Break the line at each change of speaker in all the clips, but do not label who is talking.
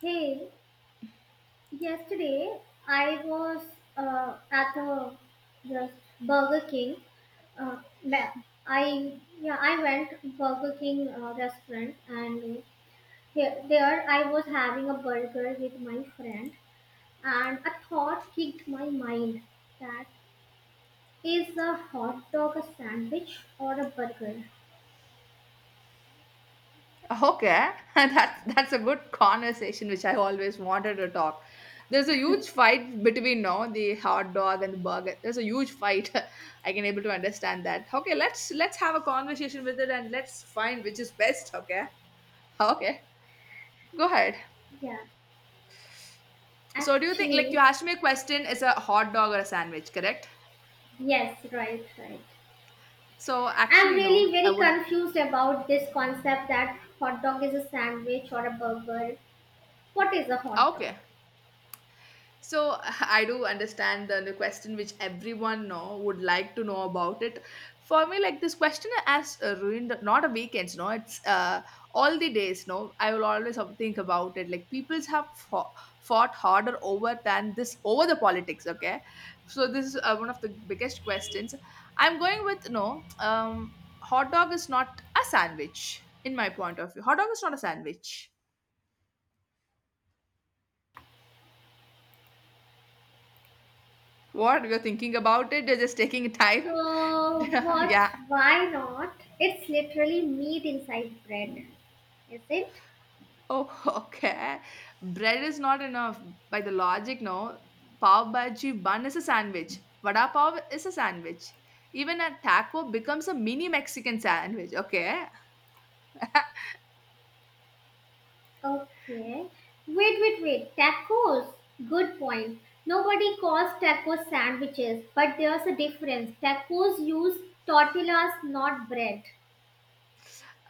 Hey, yesterday I was at the Burger King. Uh, ma- I yeah I went Burger King restaurant, and there I was having a burger with my friend, and a thought kicked my mind: that is a hot dog a sandwich or a burger?
Okay, that's a good conversation which I always wanted to talk. There's a huge fight between no the hot dog and the burger. There's a huge fight. I can able to understand that. Okay, let's have a conversation with it and let's find which is best. Okay, okay, go ahead.
Yeah,
So do you think like you
actually,
asked me a question? Is a hot dog or a sandwich correct?
yes, right, right.
So
I'm
actually
really
no, I
very
would.
confused about this concept that hot dog is a sandwich or a burger. What is a hot dog?
Okay, so I do understand the question which everyone know would like to know about it. For me, like this question has ruined not a weekends, no, it's all the days. No, I will always have to think about it. Like peoples have fought harder over than this over the politics. Okay, so this is one of the biggest questions. I'm going with no. Hot dog is not a sandwich in my point of view. Hot dog is not a sandwich. What you're thinking about it? You're just taking time.
What?
Yeah.
Why not? It's literally meat inside bread, is it?
Oh, okay. Bread is not enough. By the logic, no. Pav bhaji bun is a sandwich. Vada pav is a sandwich. Even a taco becomes a mini Mexican sandwich. Okay,
Okay. Wait, wait, wait. Tacos. Good point. Nobody calls tacos sandwiches, but there's a difference. Tacos use tortillas, not bread.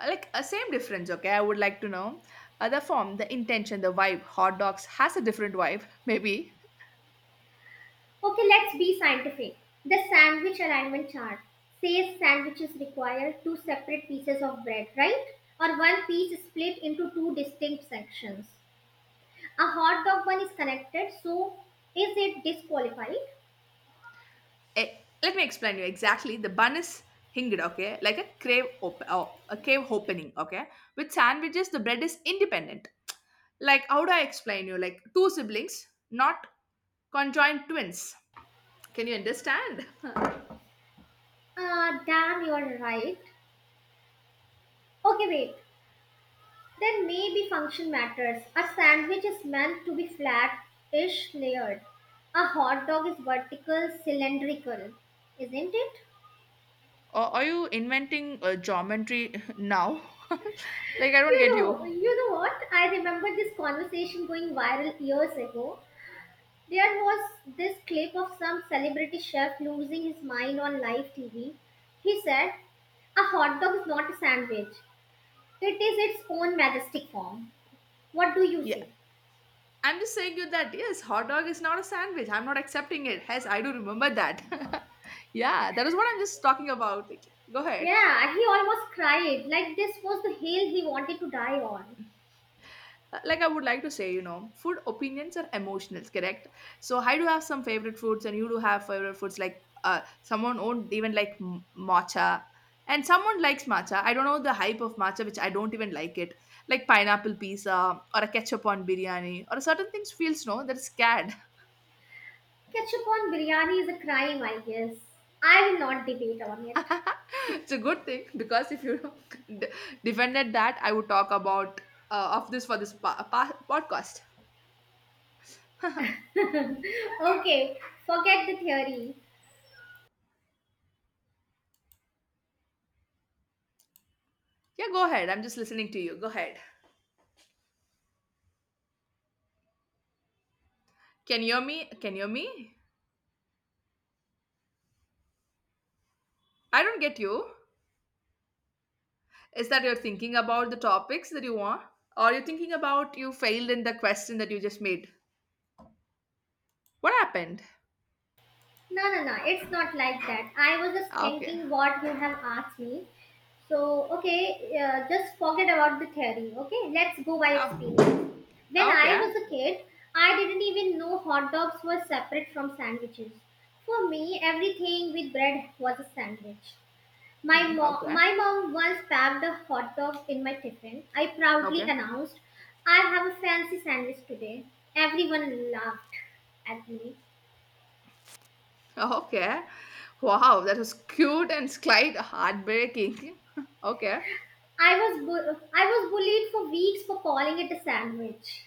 like a same difference. Okay, I would like to know the form, the intention, the vibe. Hot dogs has a different vibe, maybe.
Okay, let's be scientific. The sandwich alignment chart says sandwiches require two separate pieces of bread, right? Or one piece split into two distinct sections. A hot dog bun is connected, so is it disqualified?
Eh, let me explain you exactly. The bun is hinged, okay, like a cave opening, okay. With sandwiches, the bread is independent. Like how do I explain you? Like two siblings, not conjoined twins. Can you understand?
Ah, damn, you're right. Okay, wait. Then maybe function matters. A sandwich is meant to be flat ish layered. A hot dog is vertical, cylindrical, isn't it?
Or are you inventing geometry now? Like I don't get you.
You know what? I remember this conversation going viral years ago. There was this clip of some celebrity chef losing his mind on live TV. He said, "A hot dog is not a sandwich. It is its own majestic form." What do you
Yeah,
say?
I'm just saying you that yes, hot dog is not a sandwich. I'm not accepting it. Yes, I do remember that. Yeah, that is what I'm just talking about. Like, go ahead.
Yeah, he almost cried like this was the hill he wanted to die on.
Like I would like to say, you know, food opinions are emotional, correct? So I do have some favorite foods, and you do have favorite foods. Like someone won't even like matcha, and someone likes matcha. I don't know the hype of matcha, which I don't even like it. Like pineapple pizza or a ketchup on biryani or certain things feels no that's scared.
Ketchup on biryani is a crime, I guess. I will not debate on it.
It's a good thing because if you d- defended that, I would talk about of this for this podcast.
Okay, forget the theory.
Yeah, go ahead. I'm just listening to you. Go ahead. Can you hear me? Can you hear me? I don't get you. Is that you're thinking about the topics that you want? Or you're thinking about you failed in the question that you just made? What happened?
No, no, no. It's not like that. I was just
Okay.
thinking what you have asked me. So, okay, just forget about the theory. Okay, let's go by
Oh,
experience. When I
okay.
was a kid, I didn't even know hot dogs were separate from sandwiches. For me, everything with bread was a sandwich. My
Mm,
mom,
okay.
my mom once packed a hot dog in my tiffin. I proudly
Okay.
announced, "I have a fancy sandwich today." Everyone laughed at me.
Okay. Wow, that was cute and slight heartbreaking. Okay.
I was bullied for weeks for calling it a sandwich.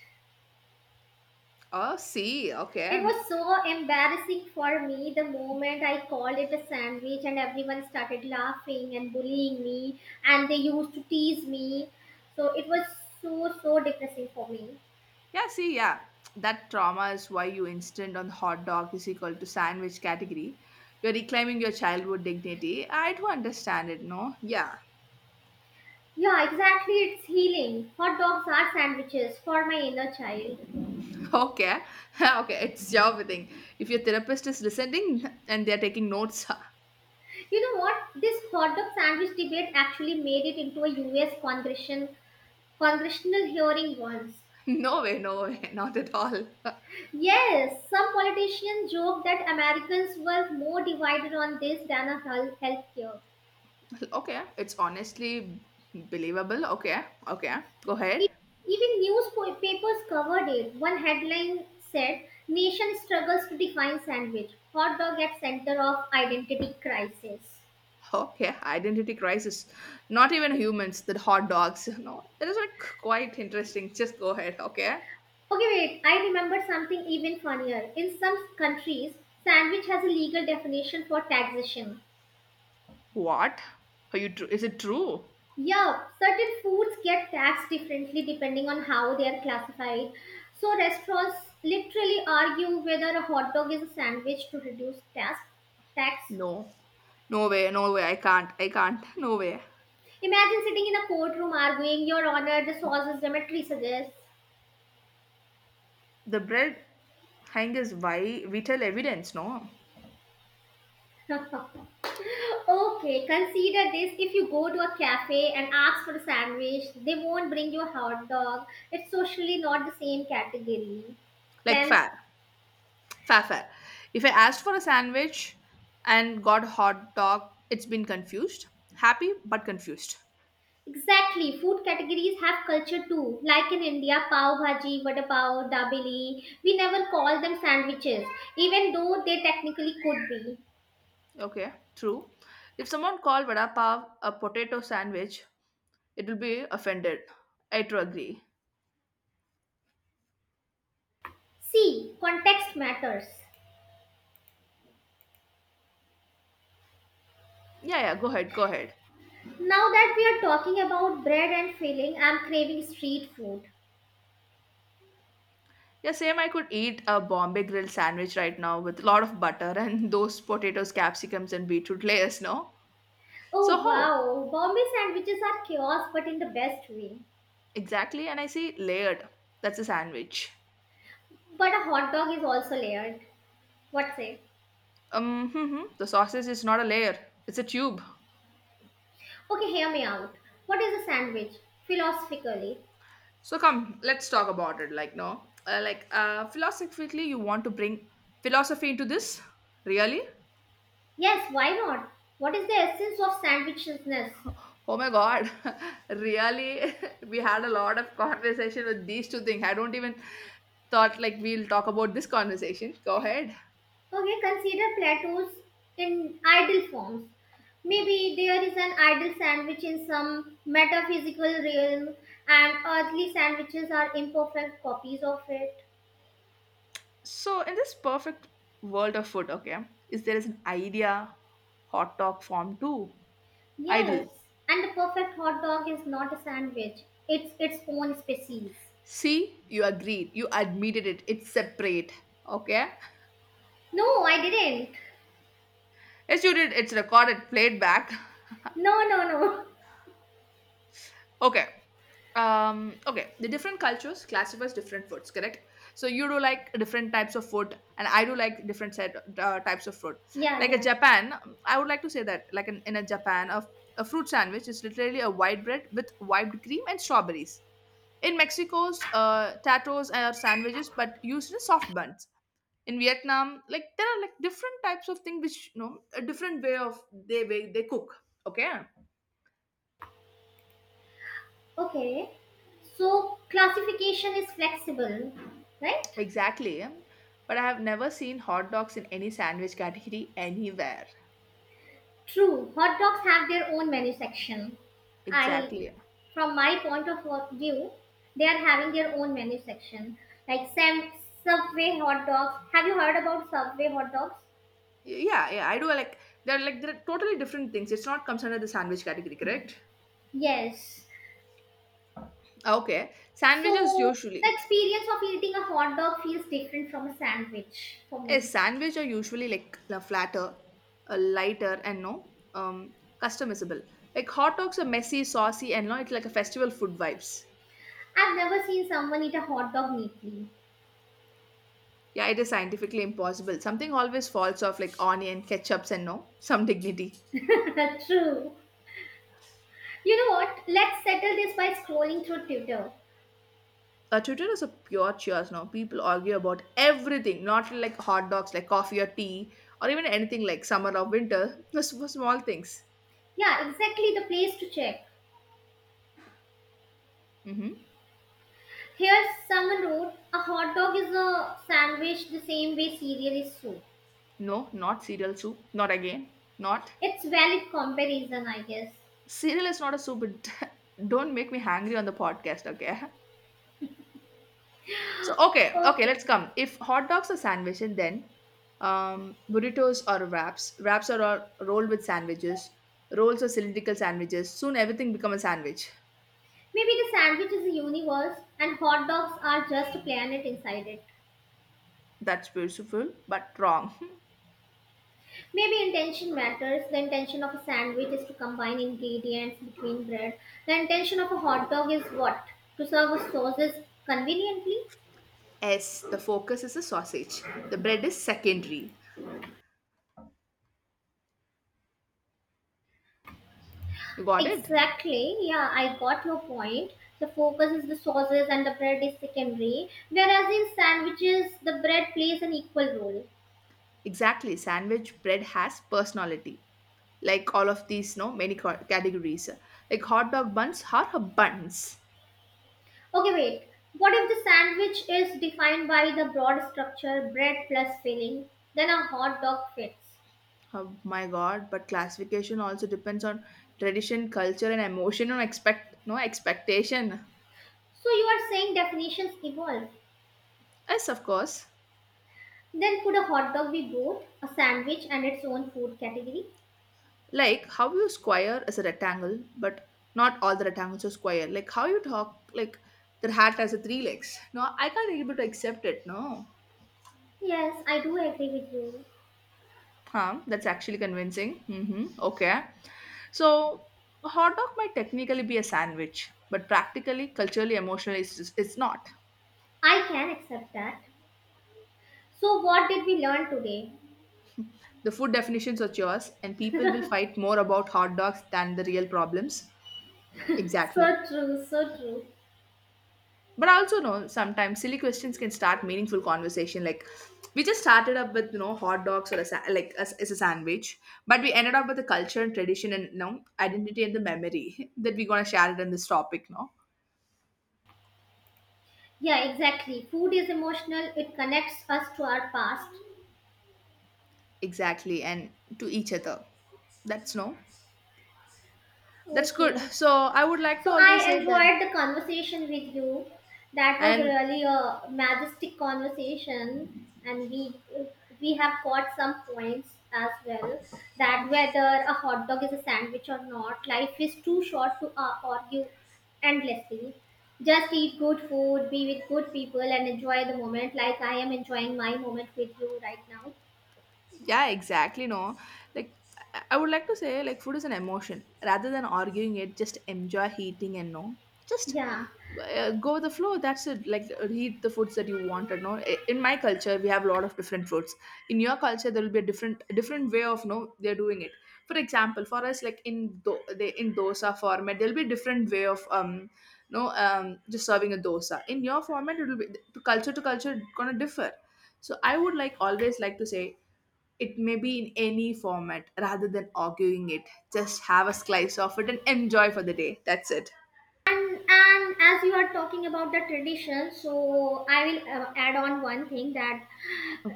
Oh, see.
It
Okay.
was so embarrassing for me the moment I called it a sandwich, and everyone started laughing and bullying me, and they used to tease me. So it was so so depressing for me.
Yeah, see, yeah, that trauma is why you instant on hot dog is equal to sandwich category. You're reclaiming your childhood dignity. I do understand it, no? Yeah.
Yeah, exactly. It's healing. Hot dogs are sandwiches for my inner child.
Okay. Okay, it's your thing. If your therapist is listening and they're taking notes,
You know what? This hot dog sandwich debate actually made it into a US congressional hearing once.
no way, no way, not at all.
Yes, some politicians joke that Americans were more divided on this than on healthcare.
Okay, it's honestly believable. Okay, okay, go ahead.
E- Even newspapers covered it. One headline said, "Nation struggles to define sandwich. Hot dog at center of identity crisis."
Okay, identity crisis. Not even humans, the hot dogs, no. That is like quite interesting. Just go ahead, okay?
Okay, wait. I remember something even funnier. In some countries, sandwich has a legal definition for taxation.
What? Are you is it true?
Yeah, certain foods get taxed differently depending on how they are classified. So restaurants literally argue whether a hot dog is a sandwich to reduce tax. Tax.
No. No way, no way. I can't. I can't. No way.
Imagine sitting in a courtroom arguing, "Your Honor, the sauce is geometry suggests."
The bread hang is why we tell evidence, no?
Okay, consider this: if you go to a cafe and ask for a sandwich, they won't bring you a hot dog. It's socially not the same category.
Like
Then
fair. Fair, fair. If I asked for a sandwich and got hot dog, it's been confused. Happy but confused.
exactly. Food categories have culture too. Like in India, pav bhaji, vada pav, dabeli. We never call them sandwiches, even though they technically could be.
Okay, true. If someone called vada pav a potato sandwich, it will be offended. I to agree.
See, context matters.
Yeah, yeah, go ahead, go ahead.
Now that we are talking about bread and filling, I'm craving street food.
Yeah, same. I could eat a Bombay grill sandwich right now with a lot of butter and those potatoes, capsicums, and beetroot layers, no? So,
Oh
how?
wow, Bombay sandwiches are chaos but in the best way.
Exactly. And I see layered. That's a sandwich.
But a hot dog is also layered. What say?
Hmm. The sausage is not a layer, it's a tube.
Okay, hear me out. What is a sandwich? Philosophically,
So, come, let's talk about it. Like, no? Like, philosophically, you want to bring philosophy into this? Really?
yes, why not? What is the essence of sandwichedness?
Oh my God, really? We had a lot of conversation with these two things. I don't even thought like we'll talk about this conversation. Go ahead.
Okay, consider plateaus in ideal forms. Maybe there is an ideal sandwich in some metaphysical realm, and earthly sandwiches are imperfect copies of it.
So, in this perfect world of food, okay, is there is an idea hot dog form two idle?
Yes, and the perfect hot dog is not a sandwich, it's its own species.
See, you agreed. You admitted it. It's separate. Okay.
No, I didn't.
Yes, you did. It's recorded, played back.
No, no, no.
Okay. Okay, the different cultures classifies different foods, correct? So you do like different types of food, and I do like different set types of food.
Yeah,
Like a
yeah.
Japan, I would like to say that like in a Japan, a fruit sandwich is literally a white bread with whipped cream and strawberries. In Mexico's tatos are sandwiches but used in soft buns. In Vietnam, like there are like different types of thing which you know a different way of they way they cook, okay.
Okay. So classification is flexible, right?
Exactly. But I have never seen hot dogs in any sandwich category anywhere.
True, hot dogs have their own menu section. I,
Exactly.
from my point of view, they are having their own menu section. Like Subway hot dogs. Have you heard about Subway hot dogs?
Yeah, yeah, I do like they're totally different things. It's not comes under the sandwich category, correct?
Yes.
Okay. Sandwiches
So the
usually.
experience of eating a hot dog feels different from a sandwich for
A
me.
sandwich are usually like flatter, lighter and no customizable. Like hot dogs are messy, saucy and no, it's like a festival food vibes.
I've never seen someone eat a hot dog neatly.
Yeah, it is scientifically impossible. Something always falls off like onion, ketchups and no, some dignity.
True. You know what? Let's settle this by scrolling through Twitter.
Twitter is a pure cheers now. People argue about everything, not like hot dogs, like coffee or tea, or even anything like summer or winter, just for small things.
Yeah, exactly the place to check.
Hmm.
Here, someone wrote, a hot dog is a sandwich the same way cereal is soup.
No, not cereal soup. Not again. Not.
It's valid comparison, I guess.
Cereal is not a soup. It don't make me hangry on the podcast, okay? So, okay, okay, let's
Okay.
come. If hot dogs are sandwich, and then burritos are wraps. Wraps are all rolled with sandwiches. Rolls are cylindrical sandwiches. Soon everything become a sandwich.
Maybe the sandwich is a universe and hot dogs are just a planet inside it.
That's beautiful, but wrong.
Maybe intention matters. The intention of a sandwich is to combine ingredients between bread. The intention of a hot dog is what? To serve sauces conveniently?
The focus is the sausage. The bread is secondary. You got it?
Exactly. Yeah, I got your point. The focus is the sauces, and the bread is secondary. Whereas in sandwiches, the bread plays an equal role.
Exactly. Sandwich bread has personality. Like all of these, no, many categories. Like hot dog buns are a buns.
Okay, wait. What if the sandwich is defined by the broad structure, bread plus filling? Then a hot dog fits.
Oh my god, but classification also depends on tradition, culture, and emotion and expect no expectation.
So you are saying definitions evolve.
Yes, of course.
Then could a hot dog be both a sandwich and its own food category?
Like how you square is a rectangle, but not all the rectangles are square. Like how you talk, like the hat has a three legs, no, I can't able to accept it, no.
Yes, I do agree with you.
Huh, that's actually convincing. Mm-hmm. Okay. So a hot dog might technically be a sandwich but practically culturally emotionally it's not.
I can accept that. So, what did we learn today?
The food definitions are yours and people will fight more about hot dogs than the real problems. Exactly.
So true, so true.
But I also know sometimes silly questions can start meaningful conversation. Like we just started up with hot dogs or a like as a sandwich, but we ended up with the culture and tradition and identity and the memory that we're gonna share it in this topic. No,
Yeah, exactly. Food is emotional, it connects us to our past.
exactly, and to each other. That's no, that's good.
Okay.
So I would like to
So
always
I
say that,
enjoyed the conversation with you. That was
and
really a majestic conversation, and we have got some points as well. That whether a hot dog is a sandwich or not, life is too short to argue endlessly. Just eat good food, be with good people, and enjoy the moment. Like I am enjoying my moment with you right now.
yeah, exactly, no, like I would like to say like food is an emotion rather than arguing it, just enjoy eating and no, just
Yeah.
go with the flow, that's it. Like eat the foods that you wanted, no. In my culture we have a lot of different foods. In your culture there will be a different way of no they're doing it. For example, for us like in they in dosa format there'll be a different way of no just serving a dosa. In your format it will be to culture it's gonna differ. So I would like always like to say it may be in any format rather than arguing it. Just have a slice of it and enjoy for the day. That's it.
And, as you are talking about the tradition, so I will add on one thing that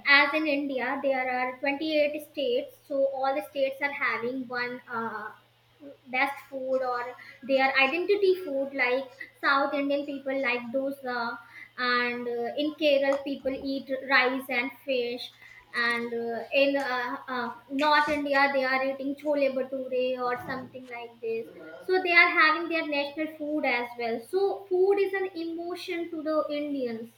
as in India, there are 28 states, so all the states are having one best food or their identity food, like South Indian people like dosa, and in Kerala, people eat rice and fish. And in North India, they are eating chole bhature or something like this. So they are having their national food as well. So food is an emotion to the Indians.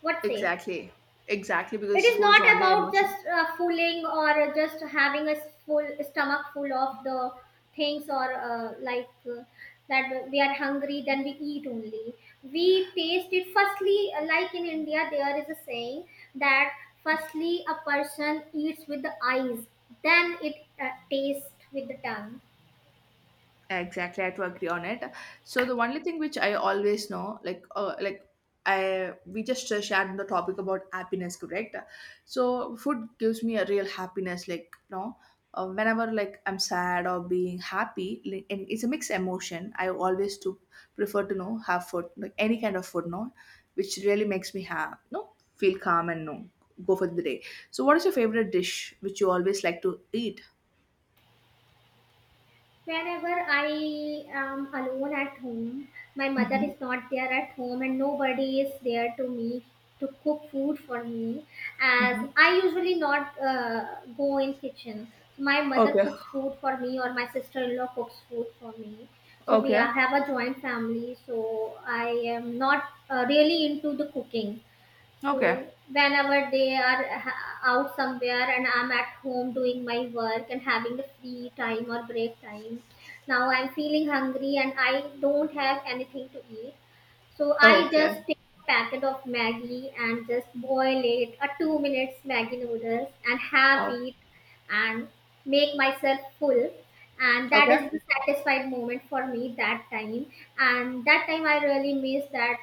What say?
Exactly. Exactly
It
because
is
food is
not
only
about
emotion.
just fooling or just having a full stomach full of the things or that we are hungry, then we eat only. We taste it firstly, like in India there is a saying that firstly a person eats with the eyes, then it tastes with the tongue.
Exactly, I had to agree on it. So the only thing which I always know, like I we just shared the topic about happiness, correct? So food gives me a real happiness, like, whenever like I'm sad or being happy, like, and it's a mixed emotion. I always do prefer to know have food, like any kind of food, no, which really makes me have, no, feel calm and no go for the day. So what is your favorite dish which you always like to eat?
Whenever I am alone at home, my mother
Mm-hmm,
is not there at home and nobody is there to me to cook food for me, as
mm-hmm.
I usually not go in kitchen. So my mother
Okay,
cooks food for me or my sister-in-law cooks food for me. So we
okay.
are, have a joint family, so I am not really into the cooking.
Okay.
So whenever they are out somewhere and I'm at home doing my work and having the free time or break time, now I'm feeling hungry and I don't have anything to eat. So I
Okay.
just take a packet of Maggie and just boil it a 2 minutes Maggie noodles and have
Oh,
it and make myself full. And that
okay.
is the satisfied moment for me that time. And that time I really miss that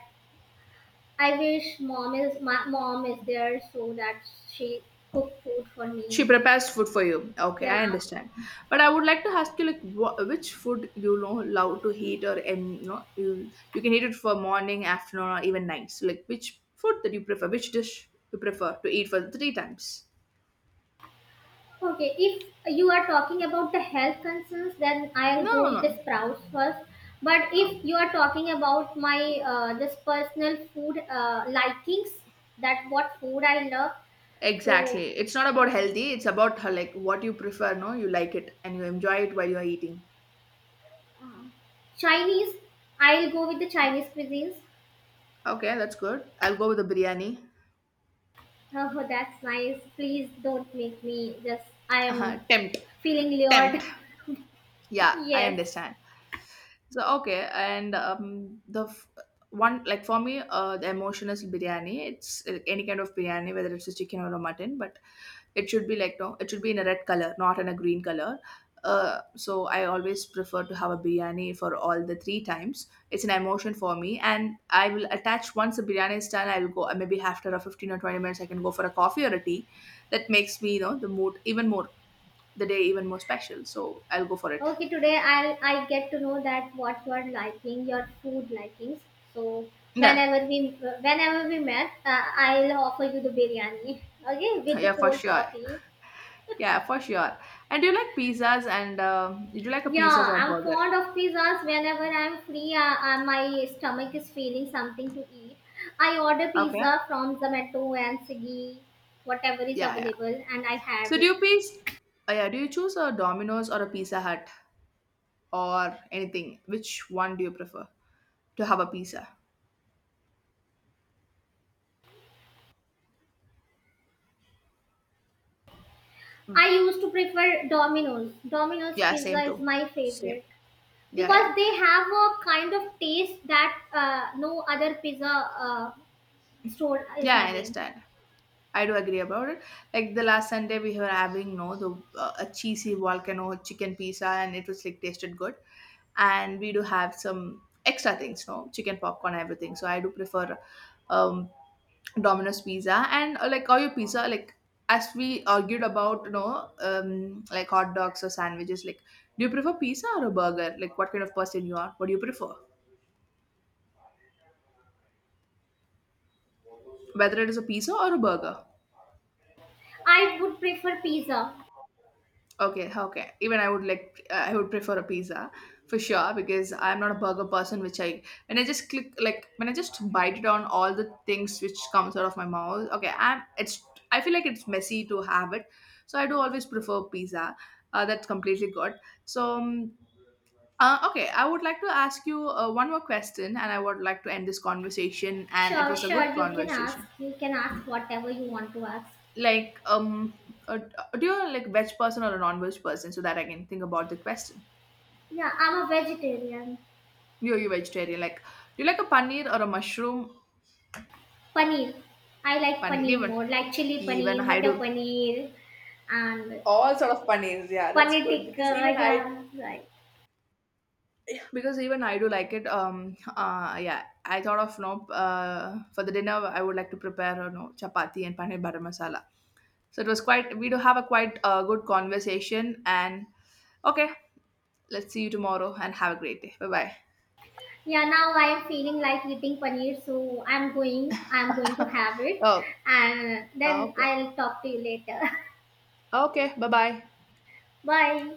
I wish mom is my mom is there so that she cook food for
She
me.
prepares food for you. Okay,
Yeah.
I understand. But I would like to ask you, like, wha which food love to eat, or you can eat it for morning, afternoon, or even nights. Like, which food that you prefer? Which dish you prefer to eat for three times?
Okay. If you are talking about the health concerns, then I'll
No,
go
no,
with the
no.
sprouts first. But
Okay.
if you are talking about my this personal food likings, that what food I love, so
Exactly. It's not about
yeah,
healthy. It's about like what you prefer. No, you like it and you enjoy it while you are eating.
Chinese. I'll go with the Chinese cuisines.
Okay, that's good. I'll go with the biryani.
Oh, that's nice. Please don't make me just. I
Uh-huh.
am
Tempt,
feeling
tempt.
lured.
Yeah, I
Yes.
understand. So okay, and one like for me, the emotion is biryani. It's any kind of biryani, whether it's a chicken or a mutton, but it should be like no, it should be in a red color, not in a green color. So I always prefer to have a biryani for all the three times. It's an emotion for me, and I will attach once the biryani is done. I will go maybe after a 15 or 20 minutes, I can go for a coffee or a tea. That makes me the mood even more, the day even more special. So I'll go for it.
Okay, today I get to know that what you are liking, your food likings. So
Yeah,
whenever we met, I'll offer you the biryani. Okay, with the
yeah, for
cold
sure.
coffee.
Yeah, for sure. And do you like pizzas and do you like a pizzas
Yeah,
or
I'm
burger?
fond of pizzas. Whenever I'm free, my stomach is feeling something to eat. I order
Okay.
pizza from Zomato and Swiggy, whatever is
Yeah, yeah.
available, and I have
So do
it.
you piece? Yeah. Do you choose a Domino's or a Pizza Hut or anything? Which one do you prefer to have a pizza? Mm,
I used to prefer Domino's. Domino's
yeah, same
pizza is
too.
my
Same.
favorite.
Yeah, yeah.
Because they have a kind of taste that no other pizza store is
Yeah, I
having.
understand. I do agree about it. Like the last Sunday, we were having no the a cheesy volcano chicken pizza, and it was like tasted good. And we do have some extra things, no chicken popcorn, everything. So I do prefer um, Domino's pizza and like all your pizza. Like as we argued about, like hot dogs or sandwiches. Like, do you prefer pizza or a burger? Like, what kind of person you are? What do you prefer? Whether it is a pizza or a burger.
I would prefer pizza.
Okay, okay. Even I would prefer a pizza for sure because I'm not a burger person. Which I, when I just click, like when I just bite it on all the things which comes out of my mouth. Okay, I feel like it's messy to have it, so I do always prefer pizza. That's completely good. So, okay, I would like to ask you one more question, and I would like to end this conversation. And it
Sure,
was a good
sure, you can ask.
conversation.
You can ask whatever you want to ask.
Like, uh, do you like veg person or a non-veg person so that I can think about the question?
Yeah, I'm a vegetarian.
You're you vegetarian. Like, do you like a paneer or a mushroom
Paneer. I like
paneer?
paneer
Even,
more, like chili
even
paneer,
I
butter
do.
paneer, and
All sort of paneers. Yeah, that's
paneer
good
tikka.
because even I
Yeah, right.
do like it. Yeah. I thought of no. For the dinner, I would like to prepare no chapati and paneer butter masala. So it was quite. We do have a quite good conversation. And okay, let's see you tomorrow and have a great day. Bye bye.
Yeah, now I am feeling like eating paneer, so I'm going. I'm going to have it,
Oh.
and then
Okay.
I'll talk to you later.
Okay. Bye bye.
Bye.